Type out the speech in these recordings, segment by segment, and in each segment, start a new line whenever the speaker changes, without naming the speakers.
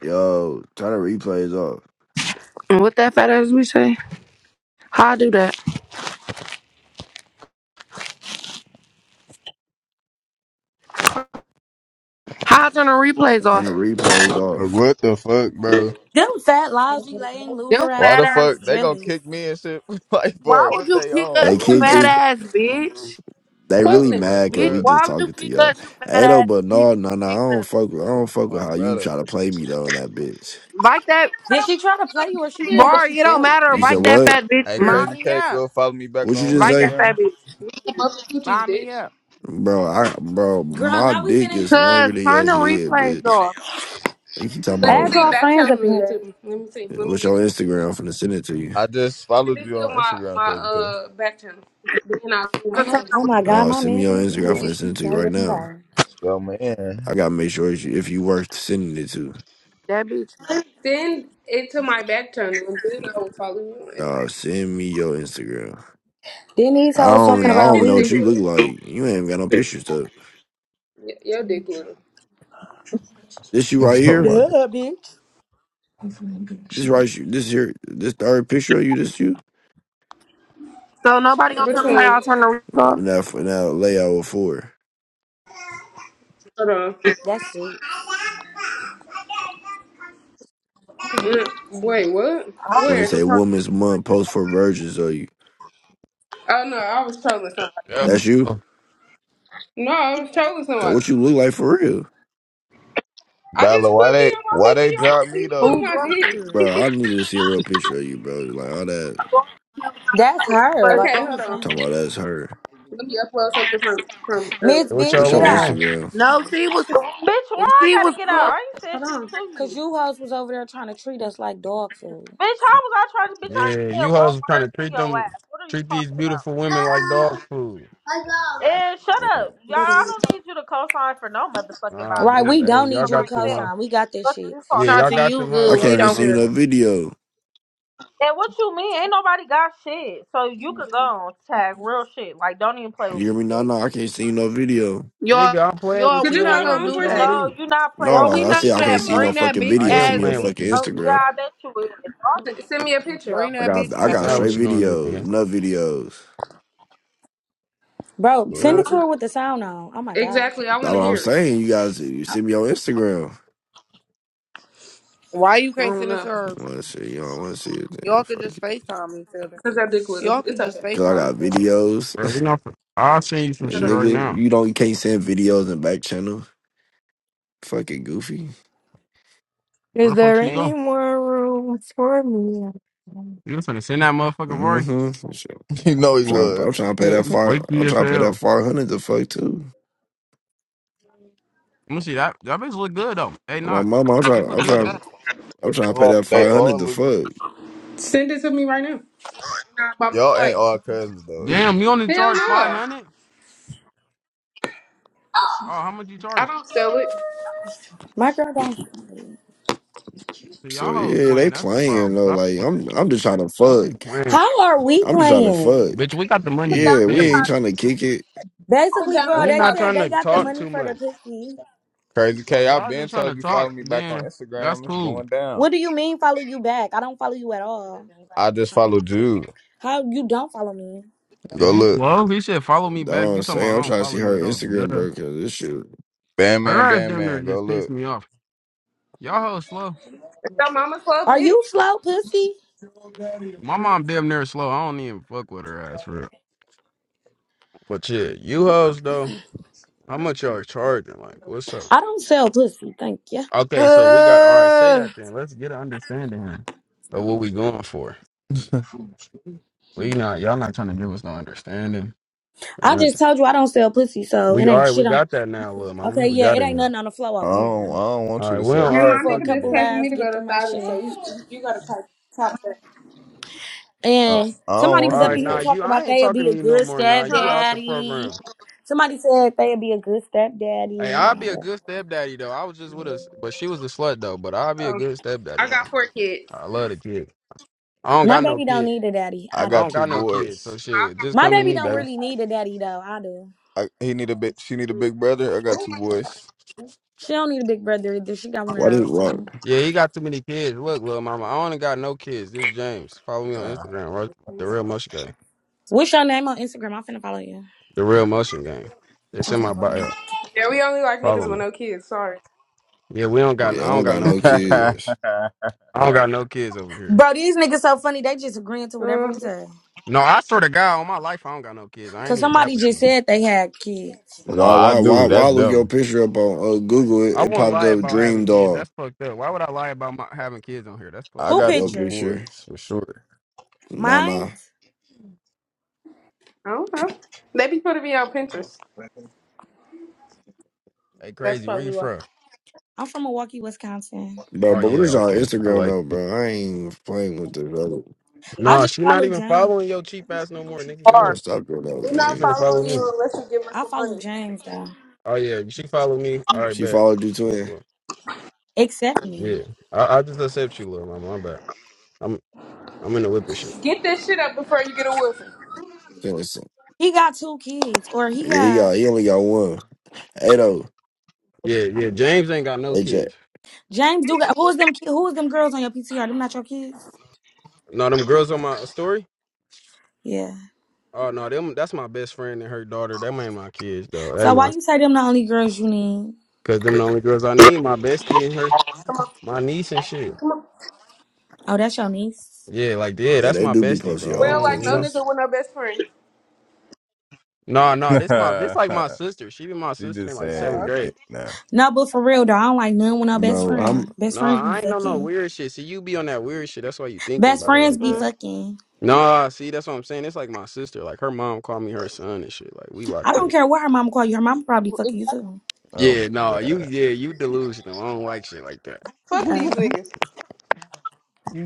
Yo, turn the replays off.
And what that fat ass we say? How I do that? How I turn the replays
Turn
off?
the replays
Like,
off.
What the fuck, bro?
Them fat, lousy, laying,
Them
loser
Why
fat
the
ass
assholes,
fuck they gonna
jealous.
kick
bitches.
me and shit? like,
Why
boy,
would
what
you
they
kick
on,
They
Fuck
us, you
them,
blood?
kicked
bitch.
fat
you.
ass bitch?
They
Fuck
really
Brother,
them.
bro,
mad cause
Bitch,
we
what?
just
why would you
talking to
kick
y'all.
us, you fat
Hey though,
ass bitch?
but
You
no, no, no. I
kicked
don't
us.
fuck. With, I don't fuck with
My
how you
brother.
try to play me though in that bitch.
Like that
Did she try to play you or she said
Shit,
how
bust
bar,
she
it don't
coochies,
felt?
matter.
You said
Like
bitch.
that
what?
fat bitch
Hey,
here.
Crazy
Mommy
K, you
up.
gonna follow me back
What you
on
just
Like that
say,
Instagram?
fat bitch. here.
Bust coochies,
Mommy
bitch.
up.
bro? I bro,
Girl,
my
now we
dick
finna
is longer
Cause
than your
turn the
head,
replays
bitch.
off.
You keep talking
Let me
add
about
see
y'all
back
friends
channel
up in
really to
here.
me. Let me see. Let me
what's
be.
your
See,
Instagram? I'm finna send it to you.
I just followed
this is
you on
my
Instagram,
my
Crazy K.
uh back channel. Then I do
How to turn
my.
the
Oh
re-
my god,
No,
my
send me
man
your
finna be on the
Instagram. I'm
way.
finna
She
send it
needs
to
to
you
hurry
right
up and
now.
go.
Yo,
I
man.
gotta make sure if you, if you worth sending it to.
that bitch.
Send it to my back channel, and then I will follow you. on Instagram.
No, send me your Instagram.
Then these
I
hoes
don't even
talking
I
Yeah,
don't
about
even
his
know
dick
what
we.
you
little.
look like. You ain't even got no pictures up.
Y- Your dick little.
This you right
oh my
here.
god.
Duh, bitch.
This right you- this here this third picture of you. This you.
So nobody gonna
Which
tell me
one?
how to turn the replays off.
Now now layout with four.
Hold on.
That's it.
Mm, Wait, what?
I don't
When
know
they
Where?
how
say
to turn the
Women's Month,
replays
post for
off.
virgins of you.
Oh no, I was trolling somebody.
Yeah.
That's you.
Hey,
No, I was trolling
So
somebody.
what you look like for real,
I just
Bella, why
put me
they
on
why
my
they
PTR
drop
plate.
me
You put
Who
though?
my
drunk you?
bro?
dick.
I need to see a real picture of you, bro. Like all that
gonna Tell me how to turn
That's
the
her.
replays
Like,
okay,
what are
off.
you
hold on.
talking about
saying?
that's her.
Let me upload something from from earlier.
Miss
What
bitch,
What's
y'all
get
your
on?
out.
Instagram?
No, she was
Bitch, why I
she was
gotta get
good.
out? I ain't said
Hold
shit
on.
to
Cause
you.
you hoes was over there trying to treat us like dog food.
Bitch, how was I trying to? Bitch, I ain't
Yeah,
said
you
one
hoes are trying
word
to
to
treat
your
them,
ass. What are you
treat these
talking about?
beautiful
Uh
women like dog
oh.
food.
I got
And shut up. Y'all,
one.
I
Doodle.
don't need you to co-sign for no motherfucking
Nah,
body.
Right,
I
them.
we
can
Hey,
speak
don't
y'all
need
for
you to
got them. Huh?
myself.
co-sign. We got this
What are
shit.
you
Yeah,
talking
y'all
Tati,
about?
got
you
them hoes.
I
good.
All
We
can't even
right,
don't
my
see
care.
no
bad.
video.
And what you mean? Ain't nobody got shit. So you can go on tag real shit. Like, don't even play with
You hear
me,
me? No, no,
bitch.
I can't see no video.
Y'all
Nigga, I'm playing
y'all,
with
Could
we
you
you
and
not
hold
what?
gonna
on
What
do
for
you
a
gonna
that.
second?
No,
do?
you not playing
Y'all,
with
we
No,
me.
I
not
said
Keep
do
I
The
can't
that.
see
coming.
no
Bring
fuck?
that
fucking
big
I
video.
am
Send
ass
me your
playing with
bitch
fucking
you.
over
Yeah,
Instagram.
I
here.
bet you is. Y'all
S-
niggas
send
be
me a picture.
Bring
stuff
I
for
that
these
got
bitch
I
cats.
bitch
got
Now
over
straight
what
here.
you gonna do,
videos,
nigga?
nut videos.
Bro, send
Oh,
it
What?
to
okay.
her with the sound on. Oh my god.
Exactly. I
That's
want to
what I'm
hear it.
saying. You guys, you see me on Instagram.
Why you
I
can't
don't
send it to
know.
her?
Want to see? You don't want to see it? Then
Y'all could
fuck
just
it.
FaceTime each other.
Cause that dick little.
Y'all could
It's
just
okay.
Cause I
FaceTime
got
each other.
videos,
Bro, we not. I'll send you some
and
Hold
shit right
nigga,
now.
you don't you can't send videos in back channel. Fucking goofy.
Where
Is
the fuck
there
should you
any
go?
more room for me?
You just gonna send that motherfucker, Rory?
Mm-hmm. Shit.
You know
I'm
he
trying. I'm
was.
trying to pay that
they
five.
Freaky
I'm
as
trying to pay that
hell.
five hundred to fuck too.
Let me see that. That bitch look good though. Hey,
My
knock.
mama. I'm
She
trying.
look
I'm
good though.
trying. I'm trying to pay
all
that
they
five hundred
all
to
look good.
fuck.
on. Send it to me right now. Not By my
Y'all ain't
flight.
all cousins though.
Damn, you only
Hell
charge five
no.
hundred? Oh, how much you
I
charge?
don't sell it.
My girl don't.
Y'all
So
hoes
yeah, they
playing. That's the
playing
problem.
though.
Stop.
Like I'm. I'm just trying to
Don't
fuck.
be playing.
How are we
I'm just trying to
playing?
fuck.
Bitch, we got the money
Put
to
down
Yeah,
the
we
spend.
ain't
deposit.
trying to kick it.
Put
Basically,
down the
girl,
We
they
not
deposit.
said
trying
they
to
got the
talk
money
too
for the
much.
pussy.
Crazy
So
K,
if
I
y'all
been
just trying to
told you follow
talk,
me back on
then that's
Instagram. It's
cool.
going down.
What do you mean follow you back? I don't follow you at all.
I just follow Jude.
How you don't follow me?
Go
Is you
look.
slow? He said, follow me
That's what
back.
I'm
You talking about
saying. I'm
I don't
trying to see
follow you
her
at all.
Instagram,
Duh.
bro, because this shit.
Bam
Her
man,
ass
bam
damn near
man. Go
just pissed
look.
me off. Y'all hoes slow.
It's your mama's club,
Are
bitch.
you slow, pussy?
My mom damn near slow. I don't even fuck with her ass for real. But yeah, you hoes though, how much y'all charging? Like, what's up?
I don't sell pussy, thank you.
Okay, so we got all right, say
Ah!
that then. Let's get an understanding of what we going for.
I
We not y'all not trying to give us no understanding or
I just
nothing.
told you I don't sell pussy, so it
We all
ain't
right, we
shit on.
got that now, little mama.
Okay,
We
yeah,
got
it
it
ain't
now.
nothing on the flow over
don't,
here.
I don't
All
want you
right,
to sell
well,
I'm
it.
all
And
here
right,
my
for a
fuck
nigga
it
just
couple
then.
paid for me
laughs,
to go
get
to
through my
thousand, so you
shift.
you gotta top top that.
I,
And
I don't
somebody
All
want
was
you
up
to
right,
in here
nah,
sell it.
you
talking
I
about
ain't
they'll
talking
be
to
a
you no
good
more. Nah, you
Huh?
out the
stepdaddy.
program.
Somebody said they'll be a good
Hey, I'll be a
stepdaddy.
good stepdaddy though. I was just with us, but she was a slut though. But I'll be a
Oh,
good stepdaddy
I got
though.
four kids.
I love the kid. I don't
My
got no
baby don't
kid.
need a daddy.
I
I
I
do.
got
don't
two
got no kids, so
boys.
I
shit.
got
Just
My
one
come to
baby
me,
kid.
don't
baby.
really need a daddy though. I do.
I, he need a big. She need a big brother. I got two boys.
She don't need a big brother either. She got one of
Why did
those
why?
too.
Yeah, he got too many kids. Look, little mama, I only got no kids. This is James. Follow me on Instagram, right? The real motion gang.
What's your name on Instagram? I'm finna follow you.
The real motion gang. It's
I'm
in my
finna follow
bio.
you.
Yeah, we only like
Follow
niggas with
me.
no kids. Sorry.
Yeah, we don't got. I
Yeah, I
don't
don't
got
got
no
no
kids over here.
kids.
I don't got no kids over here.
Bro, these niggas so funny. They just agreeing to
Uh,
whatever we say.
No, I swear to God, on my life, I don't got no kids. I ain't
Cause
even
somebody
capping.
just
you.
said they had kids.
no,
Why
I
why why
do.
why
That's
look your
dumb.
picture up on uh, Google? It,
I
it
wouldn't
popped
lie
up
about
Dream
having kids.
Doll.
That's fucked up. Why would I lie about my, having kids on here? That's
I
fucked
Who
up.
got
Your
two
picture?
picture?
boys for sure.
Nah,
Mine?
nah,
I don't know. They be putting me on Pinterest.
Hey,
That's
crazy. Where you
probably why.
from?
I'm from Milwaukee, Wisconsin.
bro.
Oh
But what
yeah,
is y'all
okay. I
Instagram
like.
though, bro? I ain't even playing with this, bro.
I
Nah,
just
she not
follow
even
James.
following your cheap ass no more. Nigga
Bro,
Or
gone.
stop doing that.
We're
She
not
finna
Gang.
follow
following
She,
me.
you unless you give us
I
some
follow
money.
James though.
Oh yeah, she follow me. All right,
she
bet.
followed you
It's On the
twin.
floor.
Except
Yeah,
me.
I, I just accept you, little mama. I'm back. I'm I'm in the whip and shit.
Get this shit up before you get a whooping.
Seriously.
He got two kids. Or he
Yeah, he
got
got he only got one. Hey though,
Yeah, yeah. James ain't got no
hey Jack.
kids.
James do got who is them ki- who is them girls on your PTR? Them not your kids?
No, them girls on my story.
Yeah.
Oh no, them. That's my best friend and her daughter. Them ain't my kids though. That
So
ain't
why
my
you say them the only girls you need?
because them the only girls I need. My
crazy
bestie and her, my niece and shit.
Oh, that's your niece.
Yeah, like yeah,
Yeah,
that's
they
my
do be
bestie,
posting
bro. I
We
y'all on
don't like
don't, you
no
know.
Pinterest,
nigga with no best friend.
No,
she
no, this my this like my sister. She be my sister in
just
like
saying
seventh
Oh, okay.
anything
grade.
now.
No, but for real though, I don't like none with no best
bro. I'm
friend. Best
No,
friends be
I ain't on no
fucking.
weird shit. See, you be on that weird shit. That's why you thinking
Best
about it
friends
like
be
that.
Mm.
fucking.
Nah, see, that's what I'm saying. It's like my sister. Like her mom called me her son and shit. Like we
I
locked
don't
in.
care what her mama call you. Her mama probably fucking you
Exactly.
too.
Oh
Yeah,
my
no, you
god.
yeah, you delusional. I don't like shit like
Fuck these
that.
Oh,
niggas.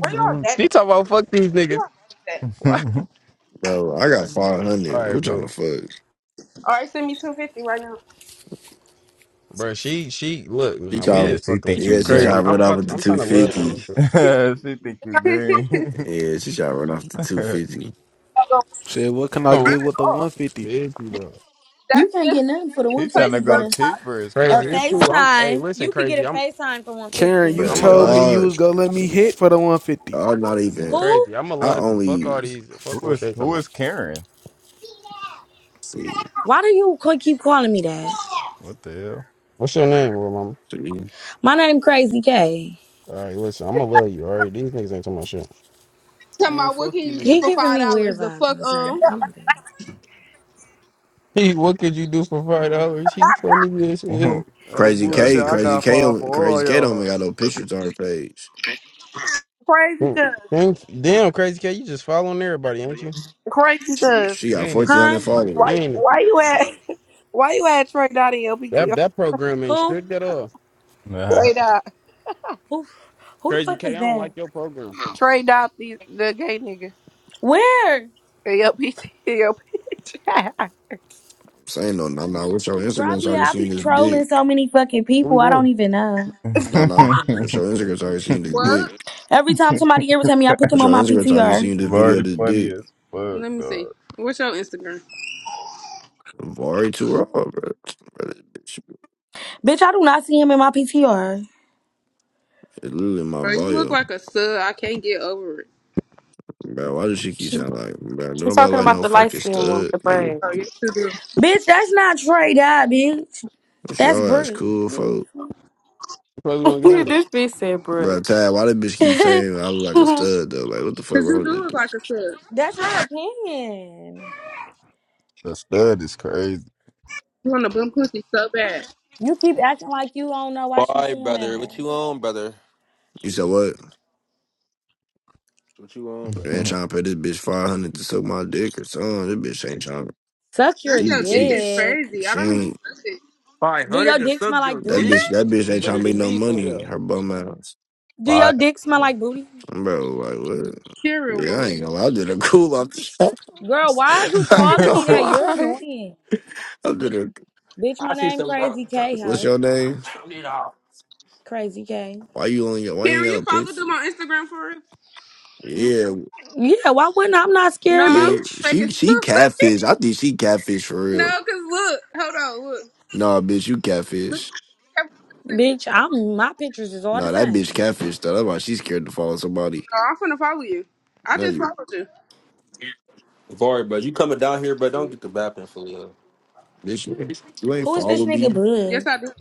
Where y'all at?
she talking about fuck these
Where
niggas.
y'all at?
What?
bro. I got five
All
hundred.
right,
Who trying to
bro.
fuck?
All right, send me two fifty right now.
Bro, she she look,
She
nah, we
yeah,
tried.
ain't
she
fucking
think
with you.
you
Yeah, she
green.
tried to
Crazy. I'm
run off
about
with
to,
the
I'm trying
two
to love on you,
fifty.
bro. You
she think you
Running
green.
Yeah, she tried to run off with the two fifty.
Said, what can I
gonna run
get with the
off.
150?
into issue though.
you
That's
can't
just
get nothing
that's
for the
just
one
He trying
placing
fifty,
to
your
but
go
a
deposit.
cheaper. It's
a
Crazy. It's
crazy.
true. I'm hey,
FaceTime.
listen,
You could get a
crazy. I'm
FaceTime for one
Karen,
fifty.
you
But
I'ma
told
love
me
you.
you
y'all,
was gonna let me hit for the 150.
y'all not even.
Who?
Crazy. I'ma
I
love you. Fuck
only
all these fuck
Who
what
is
they talking
who
about.
is Karen?
see
Why do you co- keep calling me that?
What the
What's your name, bro, mama?
see.
My name Crazy K.
All right, listen, I'ma love you, all right? These niggas ain't talking about shit.
Tell my
Man,
what can
fuck you
you get
He
niggas.
for
giving
five
me weird
dollars? The
vibes.
fuck
I'm
um
I'm okay.
He. what could you do for five dollars? He funny as
hell?
hell.
Oh
Crazy
Y'all
bullshit,
K,
niggas
I
keep
Crazy
got
going.
K,
five for
don't- Crazy
all
K don't even
y'all.
got no pictures on her page.
cuz.
Damn, damn, crazy cat, you just following everybody, ain't you?
Crazy cuz.
She
You
got
ain't
fourteen hundred
Huh?
followers.
you
Why
ain't
why you at why you at Trey Dot in LPT?
That that program ain't
Who?
strict at all.
Trey Dot.
Who? Who the
Crazy
fuck
K,
is
I don't like
that?
your program.
Trey Dot the, the gay nigga.
Where?
Your bitch. Your
I'm saying no, nah, nah. What's your Instagram
Where
so I
Grabby,
can
I
see
be
this
trolling
dick?
so many fucking
we
people. I don't
going?
even know.
Nah, nah. What's your Instagram so I can see this dick?
what?
Every time somebody irritates me, I put them
What's
on
your
my
Instagram so I can
PTR.
see this video?
Very
This
funny
dick.
as fuck,
Let me see.
dog.
What's your Instagram?
Vari too raw, bro. bro this bitch,
Bitch, I do not see him in my PTR.
it's literally in my
Bro, you look
bio.
like a sub. I can't get over it.
Bro, why does she keep
She,
sound like, bro,
she's
nobody
talking
like
about
no
the light
fucking
skinned one with
stud,
the
nigga.
Oh,
braids.
yes you sure do.
Bitch, that's not Trey Dye, bitch.
It's
That's
your ass
Brick,
cool,
bitch.
folk.
Probably gonna get in.
this bitch said
Bro,
Brooke.
Tad, why the bitch keep saying I look like a stud, though? Like, what the fuck
Cause
wrong
you
with this
do look
dude?
like a sub.
that's my opinion.
The stud is crazy.
You want to bum pussy so bad.
You keep acting like you don't know why she's
Why,
saying
brother? What
that.
you on, brother?
You said what?
What you on,
Man,
brother?
ain't trying to pay this bitch 500 to suck my dick or something. This bitch ain't trying to.
Suck your
That's
She,
your dick
she,
is
she,
dick.
crazy. I
she
don't even
ain't.
touch it.
Five
Do
hundred
your
to
dick
suck
smell like
your
That
dick?
booty?
bitch, that bitch
You
ain't trying
better
to make
than
no
me for
money.
real.
Her bum ass.
Do your
Fire.
dick smell like booty?
Bro, like, what?
Karen,
Yeah, I
what?
ain't gonna lie. I did a cool off the
Girl, why is you
I ain't
calling me
gonna
that? You're
lie.
annoying.
I did a.
Bitch,
I
my
see
name
some bro.
Crazy K,
What's
ho.
your
I
name?
turned it off.
Crazy K.
Why you only? Why you ain't
Karen,
got
you
a
follow
picture?
them on Instagram for real?
Yeah,
Yeah, why wouldn't I? I'm not
No,
scared,
Yeah,
I'm
bitch.
she
making
she
sure.
catfish. I think she catfish for real.
no, cause look, hold on, look,
Nah, bitch, you
look.
catfish.
Bitch, I'm my pictures is all the
Nah, that bitch
same.
catfish though. That's why she's scared to follow somebody.
No, I'm finna follow you. I
No,
just
you
followed you.
Sorry, bro. You coming down here, but don't get the bapping for real.
bitch, you ain't, you ain't
Who is this
follow me.
nigga
Yes,
bug?
I did.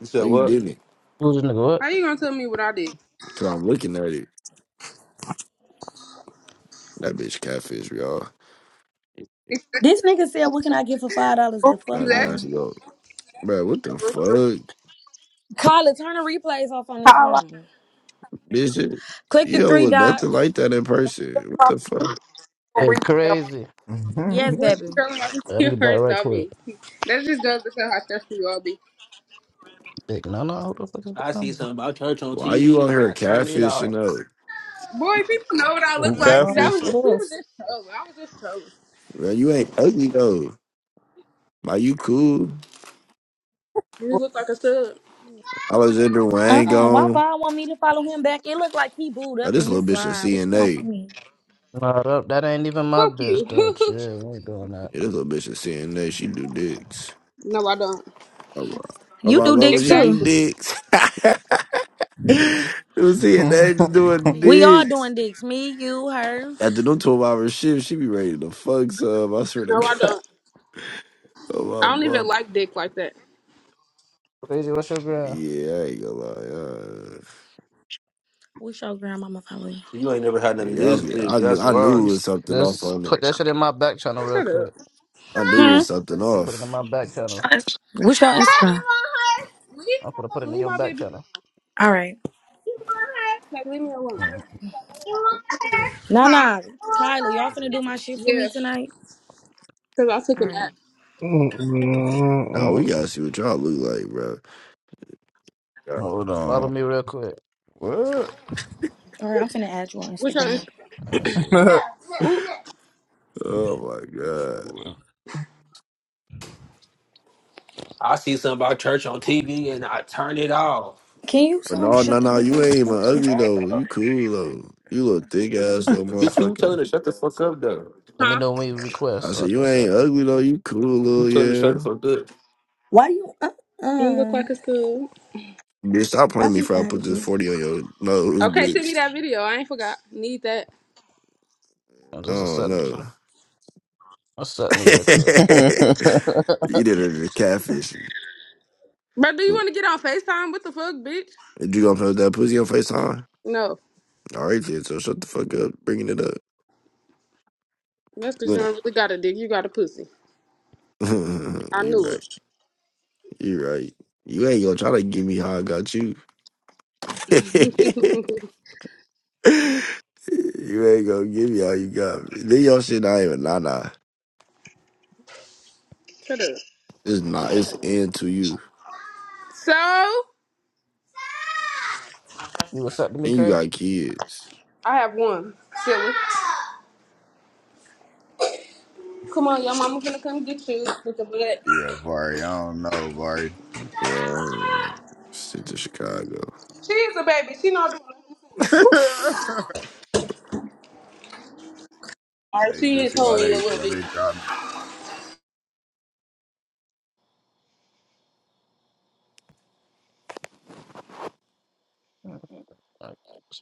You said
No, you
what?
didn't.
Who's this nigga what?
How you gonna tell me what I did?
Cause I'm looking at it. That bitch catfish, y'all.
This nigga said, what can I get for five dollars the fuck
I
Exactly.
that's
on?
go, bro. What the
bro.
fuck,
Carla, turn the replays off on this room.
bitch? You
Click the
don't
three
look nothing
dots.
like that in person. What the
bitch.
fuck?
Hey, crazy.
Yes,
What you
baby.
telling me
Let
you
me back
hurt
right
about
quick.
me? That just goes to show how stressful you all be.
Big Nana, who the fuck is Big
I see
Nana?
something about church on
Why you
TV
on
and
here
I turn it off.
catfishing though?
Boy, people know what I
Big
Who
look like. That
Nana,
was
catfish?
who
we was
else?
just trolling. I was just trolling.
Man, you ain't ugly though. Why you cool?
You look like a sub.
Alexander Wang
Uh-uh. Why
gone.
Vaughn want me to follow him back? It looked like he booed
Oh,
up
this
in
little
his
bitch a
slide. What you want
CNA.
from me?
Nah, that, that ain't even my
Fuck
bitch
you.
though. Shit, we ain't doing that.
Yeah, this little bitch is saying that she do dicks.
no, I don't.
Oh my, oh
You
my
do
mama,
dicks
she
too.
do
Exactly.
dicks. you see it, that she
Hold
doing
We all doing
dicks.
dicks. Me, you, her.
After them twelve hour shift, she be ready to fuck some. I swear to
No, I
God.
don't. I
Oh my
don't even
mama.
like dick like that.
Crazy, what's your grand?
Yeah, I ain't gonna lie. Uh,
Wish your grandmama follow you.
You ain't never had none of
yeah, I,
this
be-
dick.
I knew,
That's
I
why.
knew it
Just,
was something off
just
on
put
that.
that shit in my back channel real
Shut up.
quick.
I knew it
Hmm?
was something
Just put it in
off.
my back channel.
Wish your
Now you
Instagram.
want her? Leave
I'm gonna
her
put it
alone.
in
Leave
your
my
back
baby.
channel.
All right.
Like, leave me alone. You want her?
Nah,
Huh?
nah.
You want
Kyla, y'all finna
her?
do my shit for me
Yeah,
tonight?
because I took a
All right.
nap.
Now we
Mm-mm-mm-mm.
gotta see what y'all look like, bro.
Follow
on.
me real quick.
What?
All right, I'm finna add you on
Which one?
Instagram.
Let me see.
No, no, Ooh. no.
Oh my god.
I see something about church on TV and I turn it off.
Can you
But
so
no, no,
shut the
no, you ain't even
fuck
ugly
up?
though. You cool though. You little thick ass little
Bitch, who telling
motherfucker.
her shut the fuck up though?
Let me
Huh?
know when you request
I
so I
said
can
you ain't
accept you.
ugly though. You cool
You
little
telling her shut the
yeah.
fuck up?
Why do you? Uh,
You look
uh,
like a sub.
Bitch, stop
I
playing me
just
for I put
added you.
this forty on your nose,
Okay, send me
bitch.
that video. I ain't forgot. Need that.
I just
Oh
accepted
no,
you. Accept me real quick.
you did it to catfish.
But do you
You
want to get on FaceTime? What the fuck, bitch?
You gonna post that pussy on Facetime? All right,
No.
already So shut the fuck up. Bringing it up.
That's because
You
you
ain't.
don't really got a dick. You got a pussy. I
you
knew it.
right. You right. You ain't gonna try to give me how I got you. you ain't gonna give me all you got. Then your shit not even nah nah.
Shut up.
It's not. It's into to you.
So,
You accepted me,
And you
crazy?
got kids.
I have one. Silly. Come on, your mama finna come get you with the butt.
yeah, Vari. I don't know, Vari.
Yeah, I'm- shit to Chicago.
She is a baby. She not doing
hey,
Alright, she
just see
is
why
home a
they
little
why
bit.
they dropped
Alright.